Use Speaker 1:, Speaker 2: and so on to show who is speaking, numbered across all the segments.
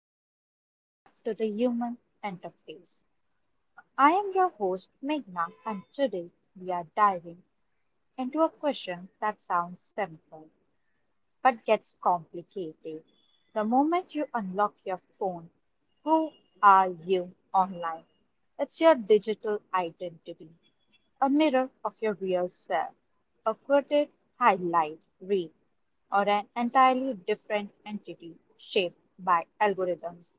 Speaker 1: and welcome back to the Human Interface. I am your host, Meghna, and today we are diving into a question that sounds simple but gets complicated. The moment you unlock your phone, who are you online? It's your digital identity, a mirror of your real self, a quoted highlight reel, or an entirely different entity shaped by algorithms.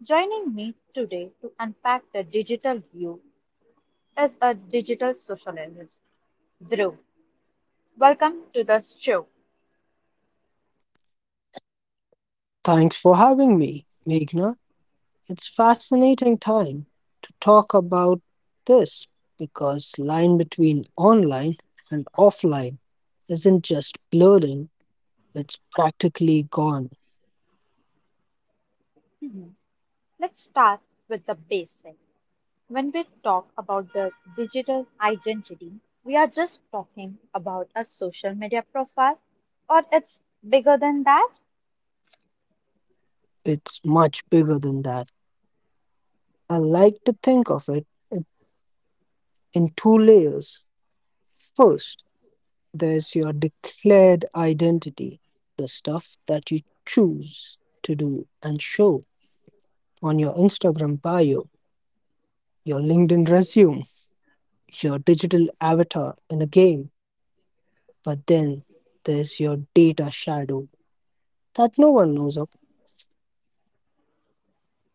Speaker 1: Joining me today to unpack the digital view is a digital sociologist, Drew. Welcome to the show.
Speaker 2: Thanks for having me, Meghna. It's fascinating time to talk about this because line between online and offline isn't just blurring, it's practically gone.
Speaker 1: Mhm. Let's start with the basic. When we talk about the digital identity, we are just talking about a social media profile, or it's bigger than that?
Speaker 2: It's much bigger than that. I like to think of it in two layers. First, there's your declared identity, the stuff that you choose to do and show on your Instagram bio, your LinkedIn resume your digital avatar in a game, but then there's your data shadow that no one knows of.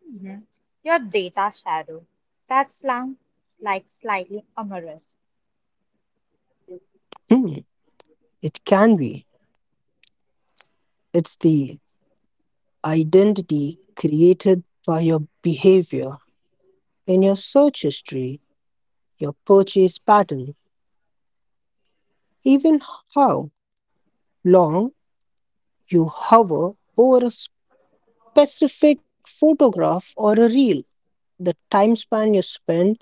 Speaker 1: Mhm. Your data shadow. That slang, like slightly amorous.
Speaker 2: Hmm, it can be. It's the identity created by your behavior in your search history, your purchase pattern, even how long you hover over a specific photograph or a reel, the time span you spend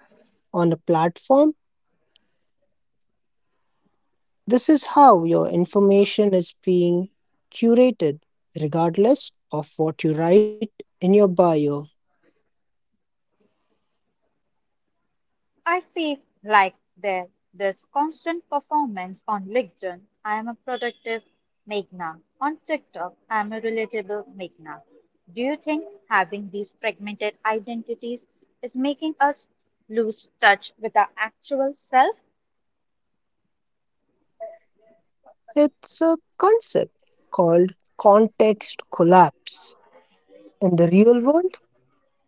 Speaker 2: on a platform. This is how your information is being curated, regardless of what you write in your bio.
Speaker 1: I feel like there this constant performance on LinkedIn. I am a productive Meghna. On TikTok, I am a relatable Meghna. Do you think having these fragmented identities is making us lose touch with our actual self?
Speaker 2: It's a concept called context collapse. In the real world,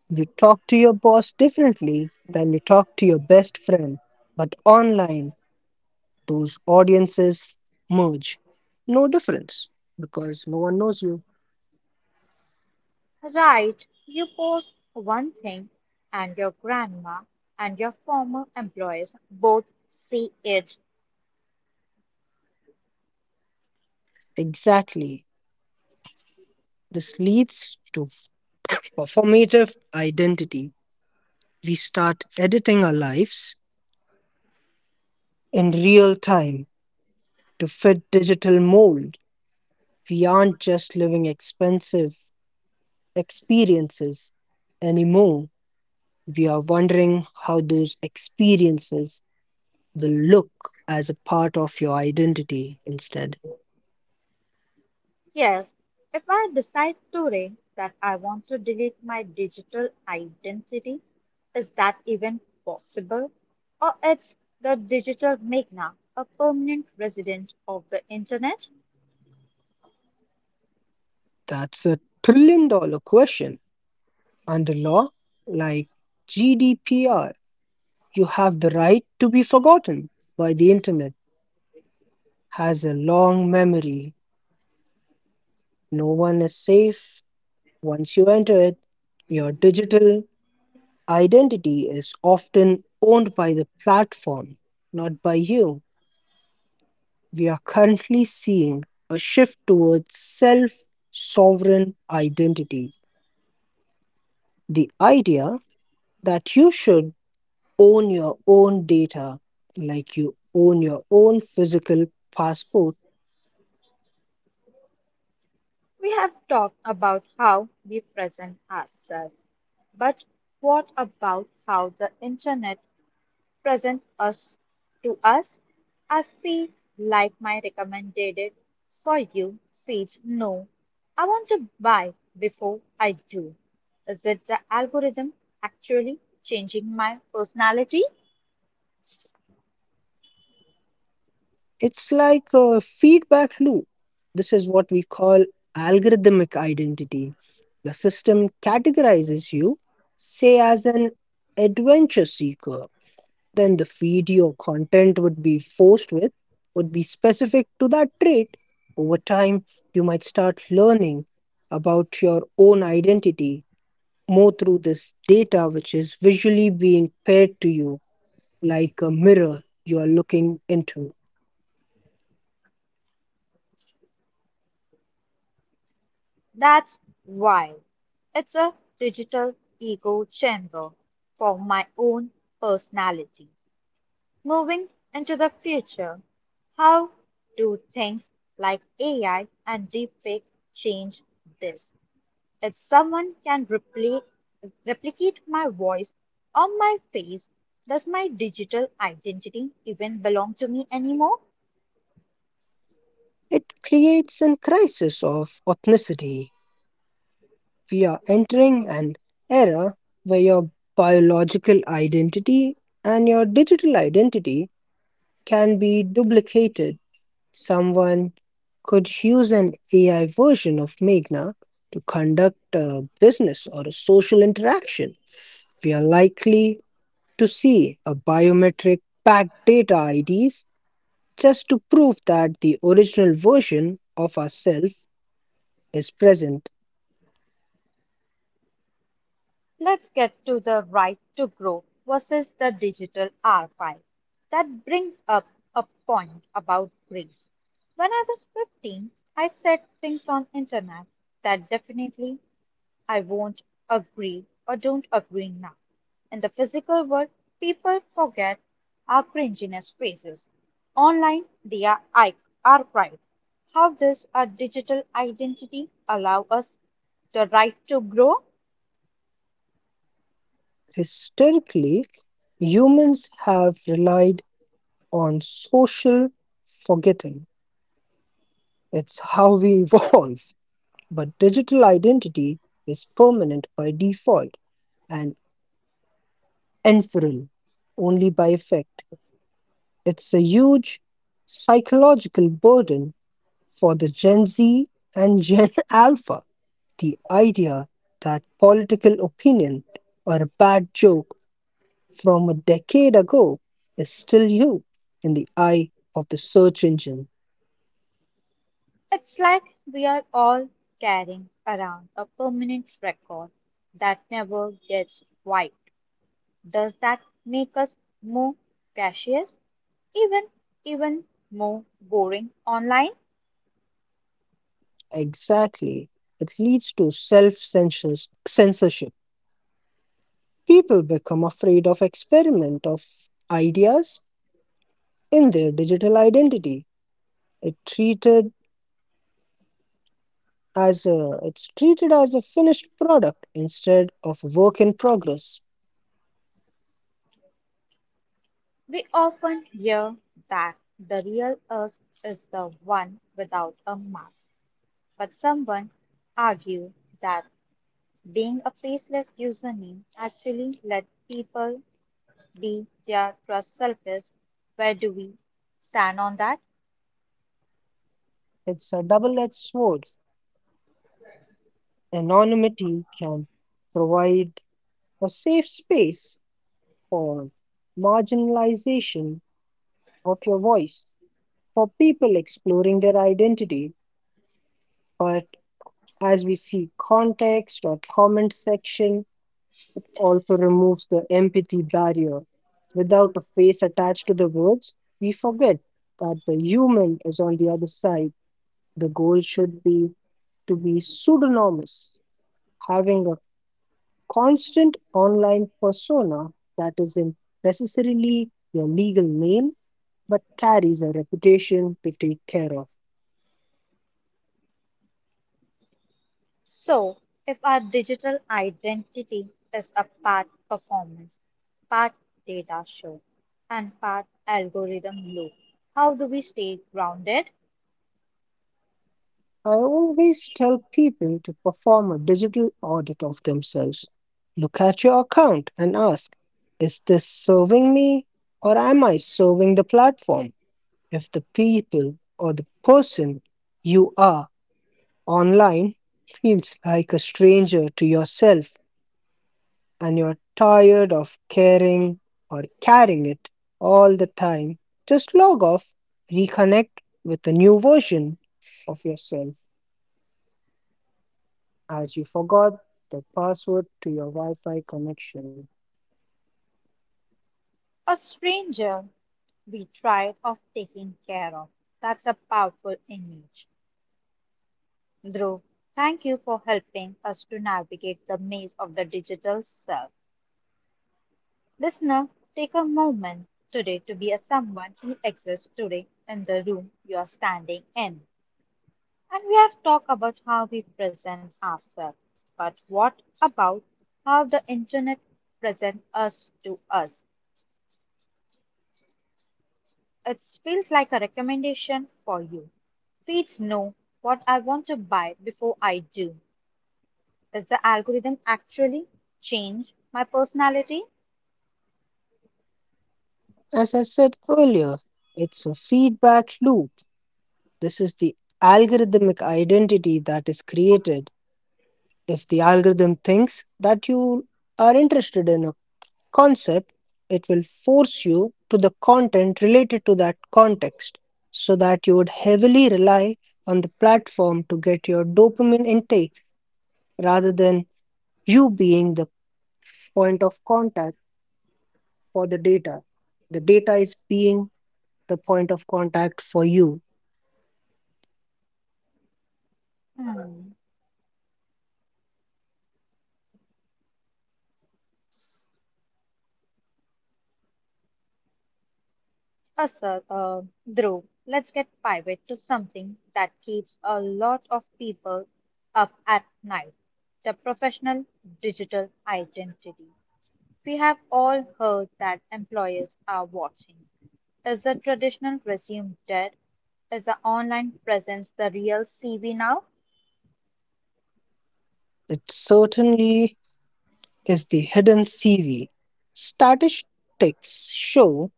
Speaker 2: you talk to your boss differently than you talk to your best friend, but online, those audiences merge. No difference because no one knows you.
Speaker 1: Right, you post one thing, and your grandma and your former employees both see it.
Speaker 2: Exactly. This leads to performative identity. We start editing our lives in real time to fit digital mold. We aren't just living expensive experiences anymore. We are wondering how those experiences will look as a part of your identity instead.
Speaker 1: Yes, if I decide today that I want to delete my digital identity, is that even possible? Or it's the digital magna, a permanent resident of the internet?
Speaker 2: That's a $1 trillion question. Under law, like GDPR, you have the right to be forgotten by the internet, has a long memory. No one is safe. Once you enter it, your digital identity is often owned by the platform, not by you. We are currently seeing a shift towards self sovereign identity. The idea that you should own your own data like you own your own physical passport.
Speaker 1: We have talked about how we present ourselves, but what about how the internet present us to us. I feel like my recommended for you feeds no. I want to buy before I do. Is it the algorithm actually changing my personality?
Speaker 2: It's like a feedback loop. This is what we call algorithmic identity. The system categorizes you, say, as an adventure seeker. Then the feed your content would be forced with would be specific to that trait. Over time, you might start learning about your own identity more through this data, which is visually being paired to you like a mirror you are looking into.
Speaker 1: That's why it's a digital ego chamber for my own personality. Moving into the future, how do things like AI and deepfake change this? If someone can replicate my voice or my face, does my digital identity even belong to me anymore?
Speaker 2: It creates a crisis of ethnicity. We are entering an era where your biological identity and your digital identity can be duplicated. Someone could use an AI version of Meghna to conduct a business or a social interaction. We are likely to see a biometric backed data IDs just to prove that the original version of ourselves is present.
Speaker 1: Let's get to the right to grow versus the digital archive. That brings up a point about grace. When I was 15, I said things on internet that definitely I won't agree or don't agree now. In the physical world, people forget our cringiness faces. Online, they are archived. How does our digital identity allow us the right to grow?
Speaker 2: Historically, humans have relied on social forgetting. It's how we evolve. But digital identity is permanent by default and inferal only by effect. It's a huge psychological burden for the Gen Z and Gen Alpha. The idea that political opinion or a bad joke from a decade ago is still you in the eye of the search engine.
Speaker 1: It's like we are all carrying around a permanent record that never gets wiped. Does that make us more cautious, even even more boring online?
Speaker 2: Exactly. It leads to self censorship. People become afraid of experiment of ideas in their digital identity. It treated it's treated as a finished product instead of work in progress.
Speaker 1: We often hear that the real us is the one without a mask, but someone argue that being a faceless username actually let people be their trust selfish. Where do we stand on that?
Speaker 2: It's a double-edged sword. Anonymity can provide a safe space for marginalization of your voice for people exploring their identity. But as we see, context or comment section also removes the empathy barrier. Without a face attached to the words, we forget that the human is on the other side. The goal should be to be pseudonymous, having a constant online persona that isn't necessarily your legal name but carries a reputation to take care of.
Speaker 1: So, if our digital identity is a part performance, part data show, and part algorithm loop, how do we stay grounded?
Speaker 2: I always tell people to perform a digital audit of themselves. Look at your account and ask, is this serving me or am I serving the platform? If the people or the person you are online feels like a stranger to yourself and you're tired of caring or carrying it all the time, just log off, reconnect with a new version of yourself as you forgot the password to your Wi Fi connection.
Speaker 1: A stranger be tried of taking care of. That's a powerful image. Dhruv, thank you for helping us to navigate the maze of the digital self. Listener, take a moment today to be a someone who exists today in the room you are standing in. And we have talked about how we present ourselves, but what about how the internet presents us to us? It feels like a recommendation for you. Feeds know what I want to buy before I do. Does the algorithm actually change my personality?
Speaker 2: As I said earlier, it's a feedback loop. This is the algorithmic identity that is created. If the algorithm thinks that you are interested in concept, it will force you to the content related to that context so that you would heavily rely on the platform to get your dopamine intake rather than you being the point of contact for the data. The data is being the point of contact for you.
Speaker 1: Hmm. Uh, sir, uh, Dhruv, let's get private to something that keeps a lot of people up at night the professional digital identity. We have all heard that employers are watching. Is the traditional resume dead? Is the online presence the real CV now?
Speaker 2: It certainly is the hidden CV. Statistics show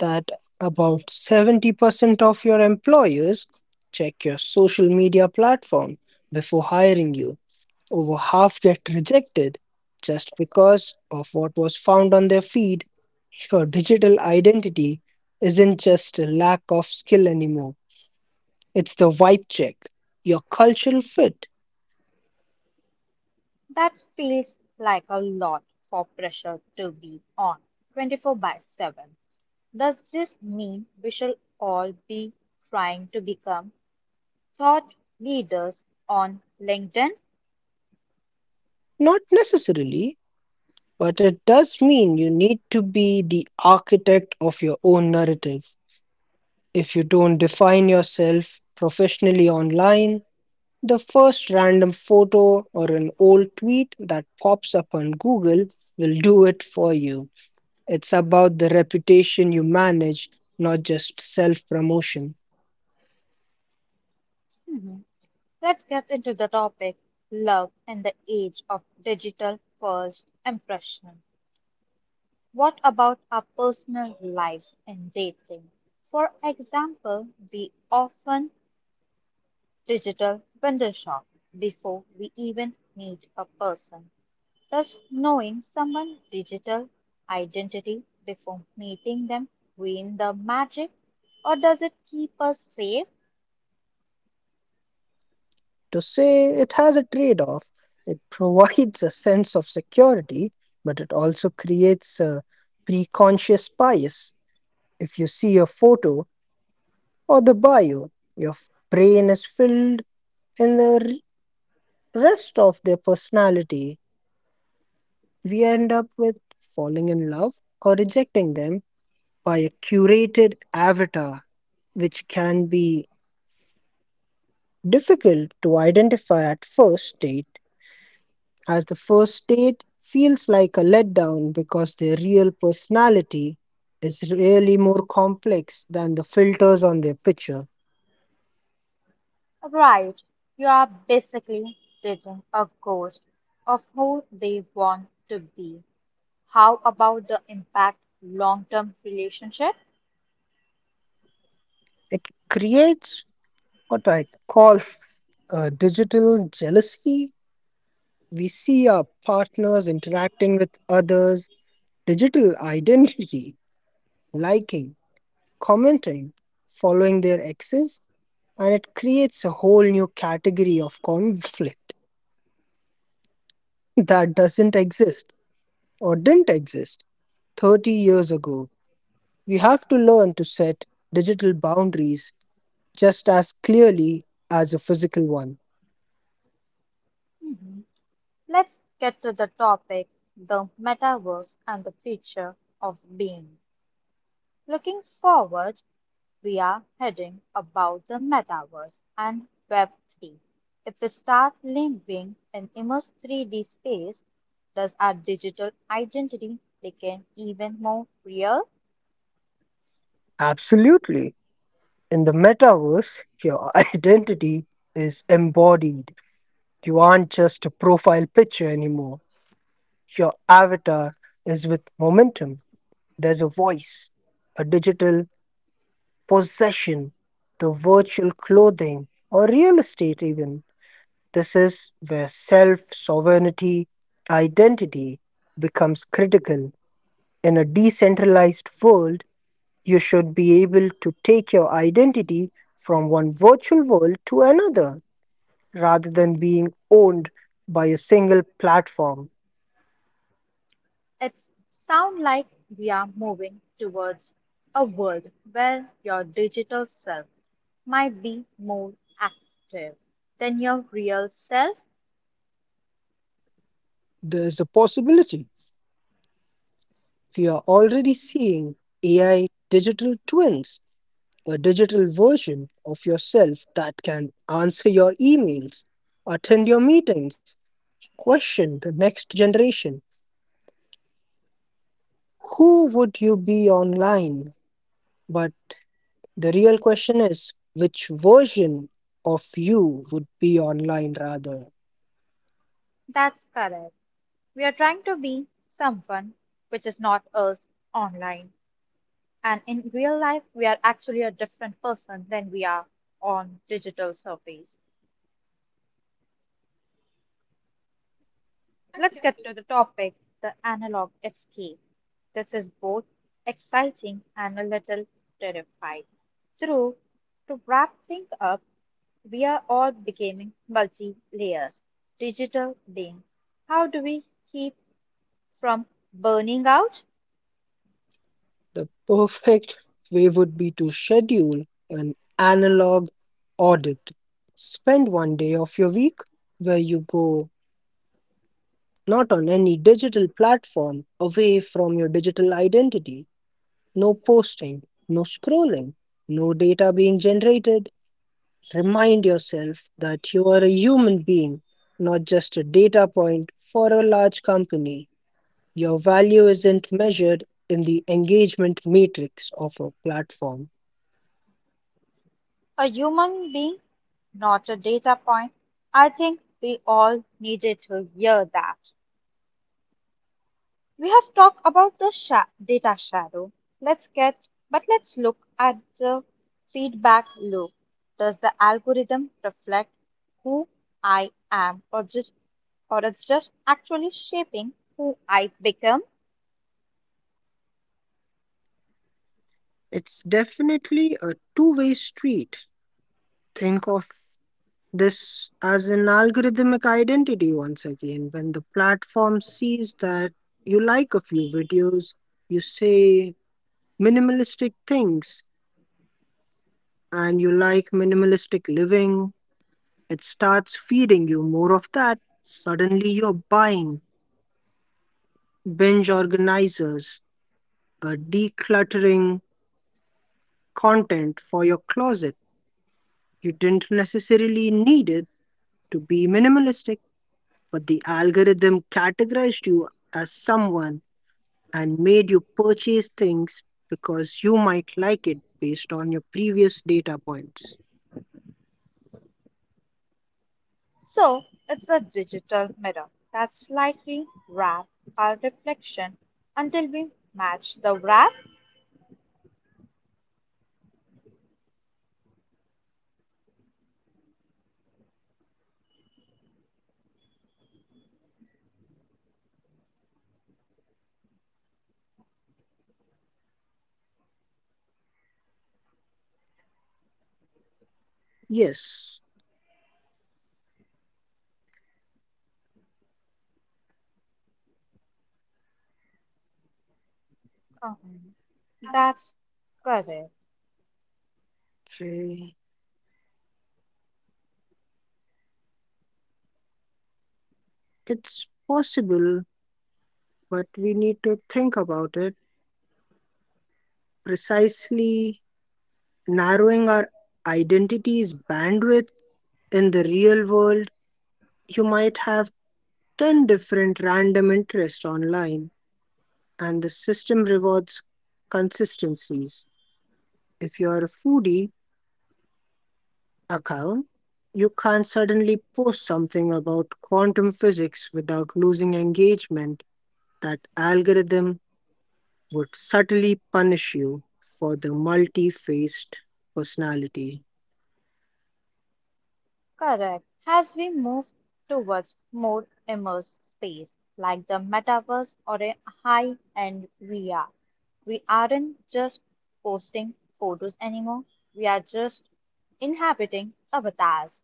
Speaker 2: that about 70% of your employers check your social media platform before hiring you. Over half get rejected just because of what was found on their feed. Your digital identity isn't just a lack of skill anymore, it's the vibe check, your cultural fit.
Speaker 1: That feels like a lot for pressure to be on 24 by 7. Does this mean we should all be trying to become thought leaders on LinkedIn?
Speaker 2: Not necessarily, but it does mean you need to be the architect of your own narrative. If you don't define yourself professionally online, the first random photo or an old tweet that pops up on Google will do it for you. It's about the reputation you manage, not just self promotion.
Speaker 1: Mhm. Let's get into the topic love and the age of digital first impression. What about our personal lives and dating? For example, we often digital window shop before we even meet a person. Thus, knowing someone's digital identity before meeting them ruin the magic, or does it keep us safe?
Speaker 2: To say it has a trade off, it provides a sense of security, but it also creates a preconscious bias. If you see a photo or the bio, your brain is filled in the rest of their personality, we end up with falling in love or rejecting them by a curated avatar, which can be difficult to identify at first date, as the first date feels like a letdown because their real personality is really more complex than the filters on their picture.
Speaker 1: Right, you are basically dating a ghost of who they want to be. How about the impact long-term relationship?
Speaker 2: It creates what I call a digital jealousy. We see our partners interacting with others, digital identity, liking, commenting, following their exes, and it creates a whole new category of conflict that doesn't exist or didn't exist 30 years ago. We have to learn to set digital boundaries just as clearly as a physical one.
Speaker 1: Mhm. Let's get to the topic, the metaverse and the future of being. Looking forward, we are heading about the metaverse and Web3. If we start living in immersed 3D space, does our digital identity become even more real?
Speaker 2: Absolutely. In the metaverse, your identity is embodied. You aren't just a profile picture anymore. Your avatar is with momentum. There's a voice, a digital possession, the virtual clothing, or real estate, even. This is where self sovereignty, identity becomes critical. In a decentralized world, you should be able to take your identity from one virtual world to another rather than being owned by a single platform.
Speaker 1: It sounds like we are moving towards a world where your digital self might be more active than your real self.
Speaker 2: There's a possibility we are already seeing AI digital twins, a digital version of yourself that can answer your emails, attend your meetings, question the next generation. Who would you be online? But the real question is which version of you would be online rather?
Speaker 1: That's correct. We are trying to be someone which is not us online. And in real life, we are actually a different person than we are on digital surface. Let's get to the topic the analog escape. This is both exciting and a little terrifying. Through to wrap things up, we are all becoming multi layers, digital being. How do we keep from burning out?
Speaker 2: The perfect way would be to schedule an analog audit. Spend one day of your week where you go not on any digital platform, away from your digital identity. No posting, no scrolling, no data being generated. Remind yourself that you are a human being, not just a data point for a large company. Your value isn't measured in the engagement matrix of a platform.
Speaker 1: A human being, not a data point. I think we all needed to hear that. We have talked about the data shadow. But let's look at the feedback loop. Does the algorithm reflect who I am or just or it's just actually shaping who I become?
Speaker 2: It's definitely a two-way street. Think of this as an algorithmic identity once again. When the platform sees that you like a few videos, you say minimalistic things, and you like minimalistic living, it starts feeding you more of that. Suddenly, you're buying binge organizers, a decluttering content for your closet. You didn't necessarily need it to be minimalistic. But the algorithm categorized you as someone and made you purchase things because you might like it based on your previous data points.
Speaker 1: So it's a digital mirror that slightly wraps our reflection until we match the wrap.
Speaker 2: Yes.
Speaker 1: Uh-huh. That's correct.
Speaker 2: Okay. It's possible, but we need to think about it. Precisely narrowing our identity's bandwidth in the real world, you might have 10 different random interests online, and the system rewards consistencies. If you're a foodie account, you can't suddenly post something about quantum physics without losing engagement. That algorithm would subtly punish you for the multi faced personality.
Speaker 1: Correct. As we move towards more immersed space, like the metaverse or a high-end VR, we aren't just posting photos anymore. We are just inhabiting avatars.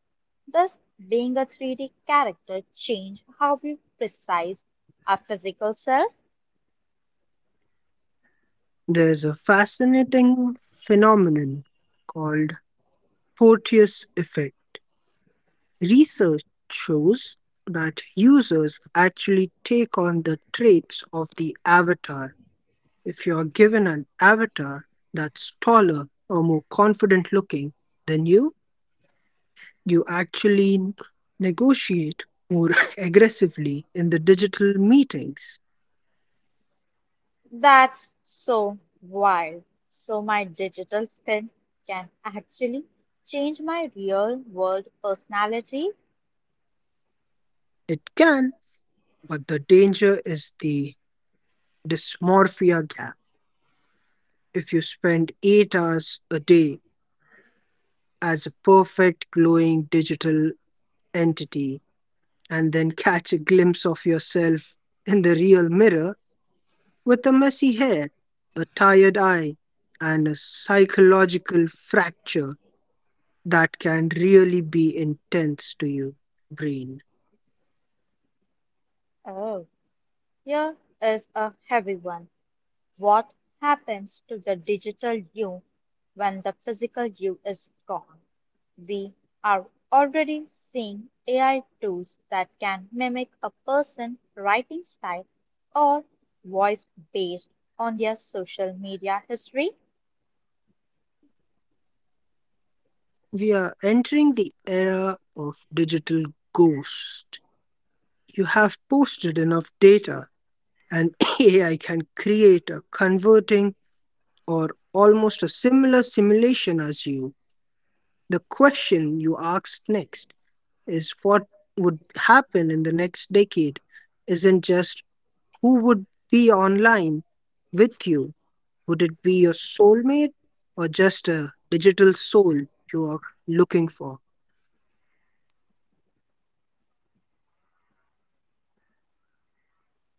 Speaker 1: Does being a 3D character change how we precise our physical self?
Speaker 2: There's a fascinating phenomenon called Porteous effect. Research shows that users actually take on the traits of the avatar. If you're given an avatar that's taller or more confident looking than you, you actually negotiate more aggressively in the digital meetings.
Speaker 1: That's so wild. So my digital skin can actually change my real world personality.
Speaker 2: It can, but the danger is the dysmorphia gap. If you spend 8 hours a day as a perfect glowing digital entity and then catch a glimpse of yourself in the real mirror with a messy hair, a tired eye, and a psychological fracture that can really be intense to your brain.
Speaker 1: Oh, here is a heavy one. What happens to the digital you when the physical you is gone? We are already seeing AI tools that can mimic a person writing style or voice based on their social media history.
Speaker 2: We are entering the era of digital ghost. You have posted enough data, and AI can create a converting or almost a similar simulation as you. The question you asked next is what would happen in the next decade isn't just who would be online with you. Would it be your soulmate or just a digital soul you are looking for?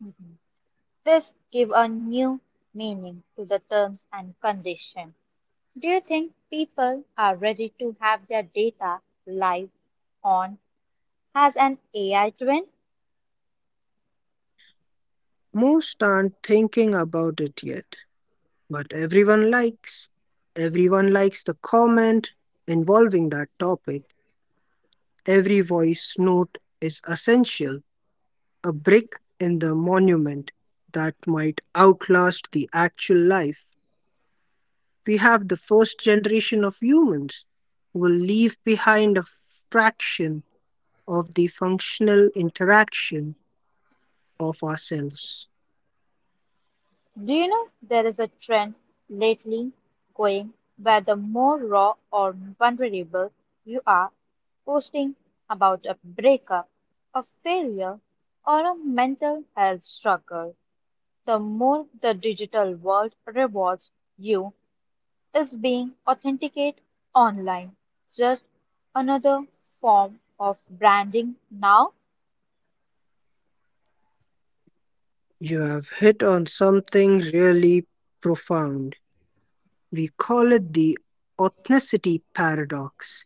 Speaker 1: Mhm. This give a new meaning to the terms and condition. Do you think people are ready to have their data live? On has an AI trend.
Speaker 2: Most aren't thinking about it yet, but Everyone likes the comment involving that topic. Every voice note is essential, a brick in the monument that might outlast the actual life. We have the first generation of humans who will leave behind a fraction of the functional interaction of ourselves.
Speaker 1: Do you know there is a trend lately going where the more raw or vulnerable you are posting about a breakup, a failure, or a mental health struggle, the more the digital world rewards you as being authenticate online. Just another form of branding now
Speaker 2: You have hit on something really profound. We call it the authenticity paradox.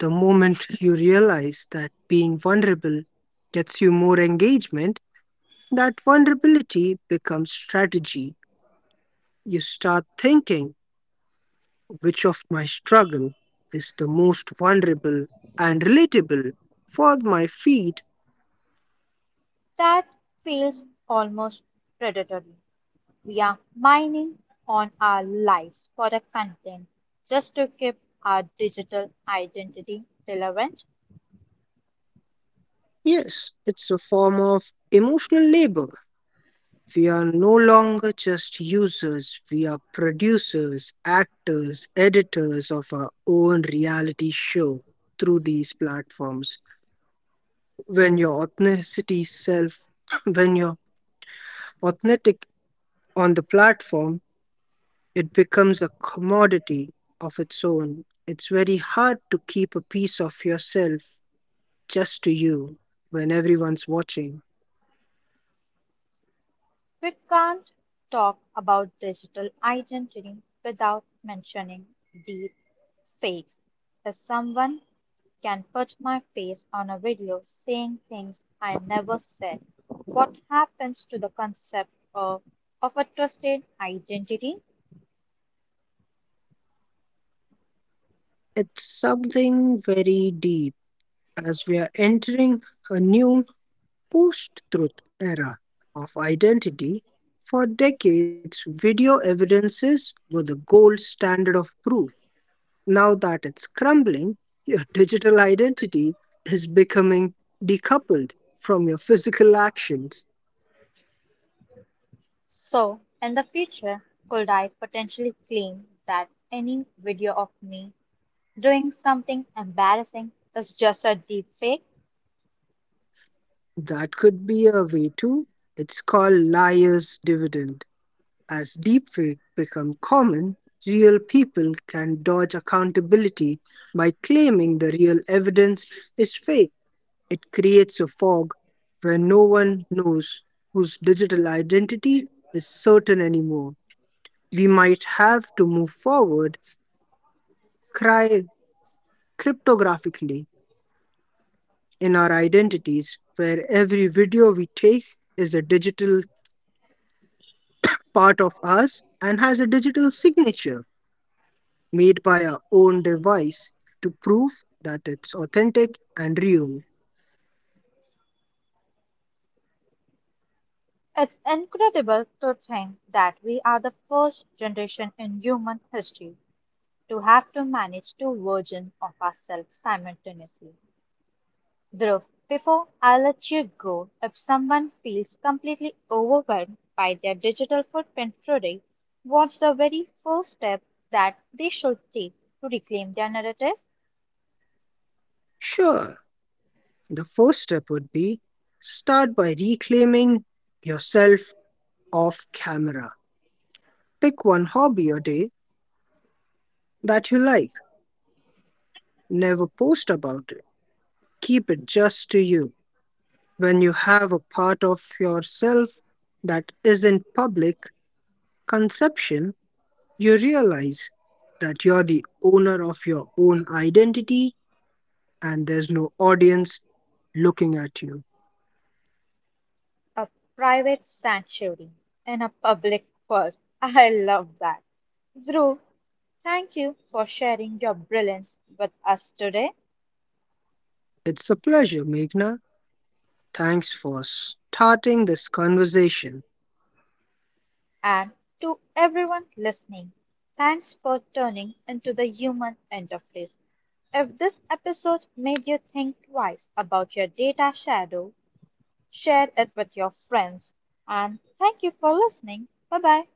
Speaker 2: The moment you realize that being vulnerable gets you more engagement, that vulnerability becomes strategy. You start thinking, which of my struggle is the most vulnerable and relatable for my feed?
Speaker 1: that feels almost predatory. We are mining on our lives for the content just to keep our digital identity relevant.
Speaker 2: Yes, it's a form of emotional labor. We are no longer just users, we are producers, actors, editors of our own reality show through these platforms. When your authenticity self, when you're authentic on the platform, it becomes a commodity of its own. It's very hard to keep a piece of yourself just to you when everyone's watching.
Speaker 1: We can't talk about digital identity without mentioning deep fakes. If someone can put my face on a video saying things I never said, what happens to the concept of a trusted identity?
Speaker 2: It's something very deep as we are entering a new post truth era of identity. For decades, video evidences were the gold standard of proof. Now that it's crumbling, your digital identity is becoming decoupled from your physical actions.
Speaker 1: So, in the future, could I potentially claim that any video of me doing something embarrassing is just a deep fake?
Speaker 2: That could be a way too. It's called liar's dividend. As deepfake become common, real people can dodge accountability by claiming the real evidence is fake. It creates a fog where no one knows whose digital identity is certain anymore. We might have to move forward cry cryptographically in our identities where every video we take is a digital part of us and has a digital signature made by our own device to prove that it's authentic and real.
Speaker 1: It's incredible to think that we are the first generation in human history to have to manage two versions of ourselves simultaneously. Dhruv, before I let you go, if someone feels completely overwhelmed by their digital footprint today, what's the very first step that they should take to reclaim their narrative?
Speaker 2: Sure, the first step would be start by reclaiming yourself off camera. Pick one hobby a day that you like, never post about it. Keep it just to you. When you have a part of yourself that isn't public conception, you realize that you're the owner of your own identity and there's no audience looking at you.
Speaker 1: A private sanctuary in a public world. I love that. Dhruv, thank you for sharing your brilliance with us today
Speaker 2: It's a pleasure, Meghna. Thanks for starting this conversation.
Speaker 1: and to everyone listening. Thanks for turning into the human interface. If this episode made you think twice about your data shadow, share it with your friends. And thank you for listening. Bye bye.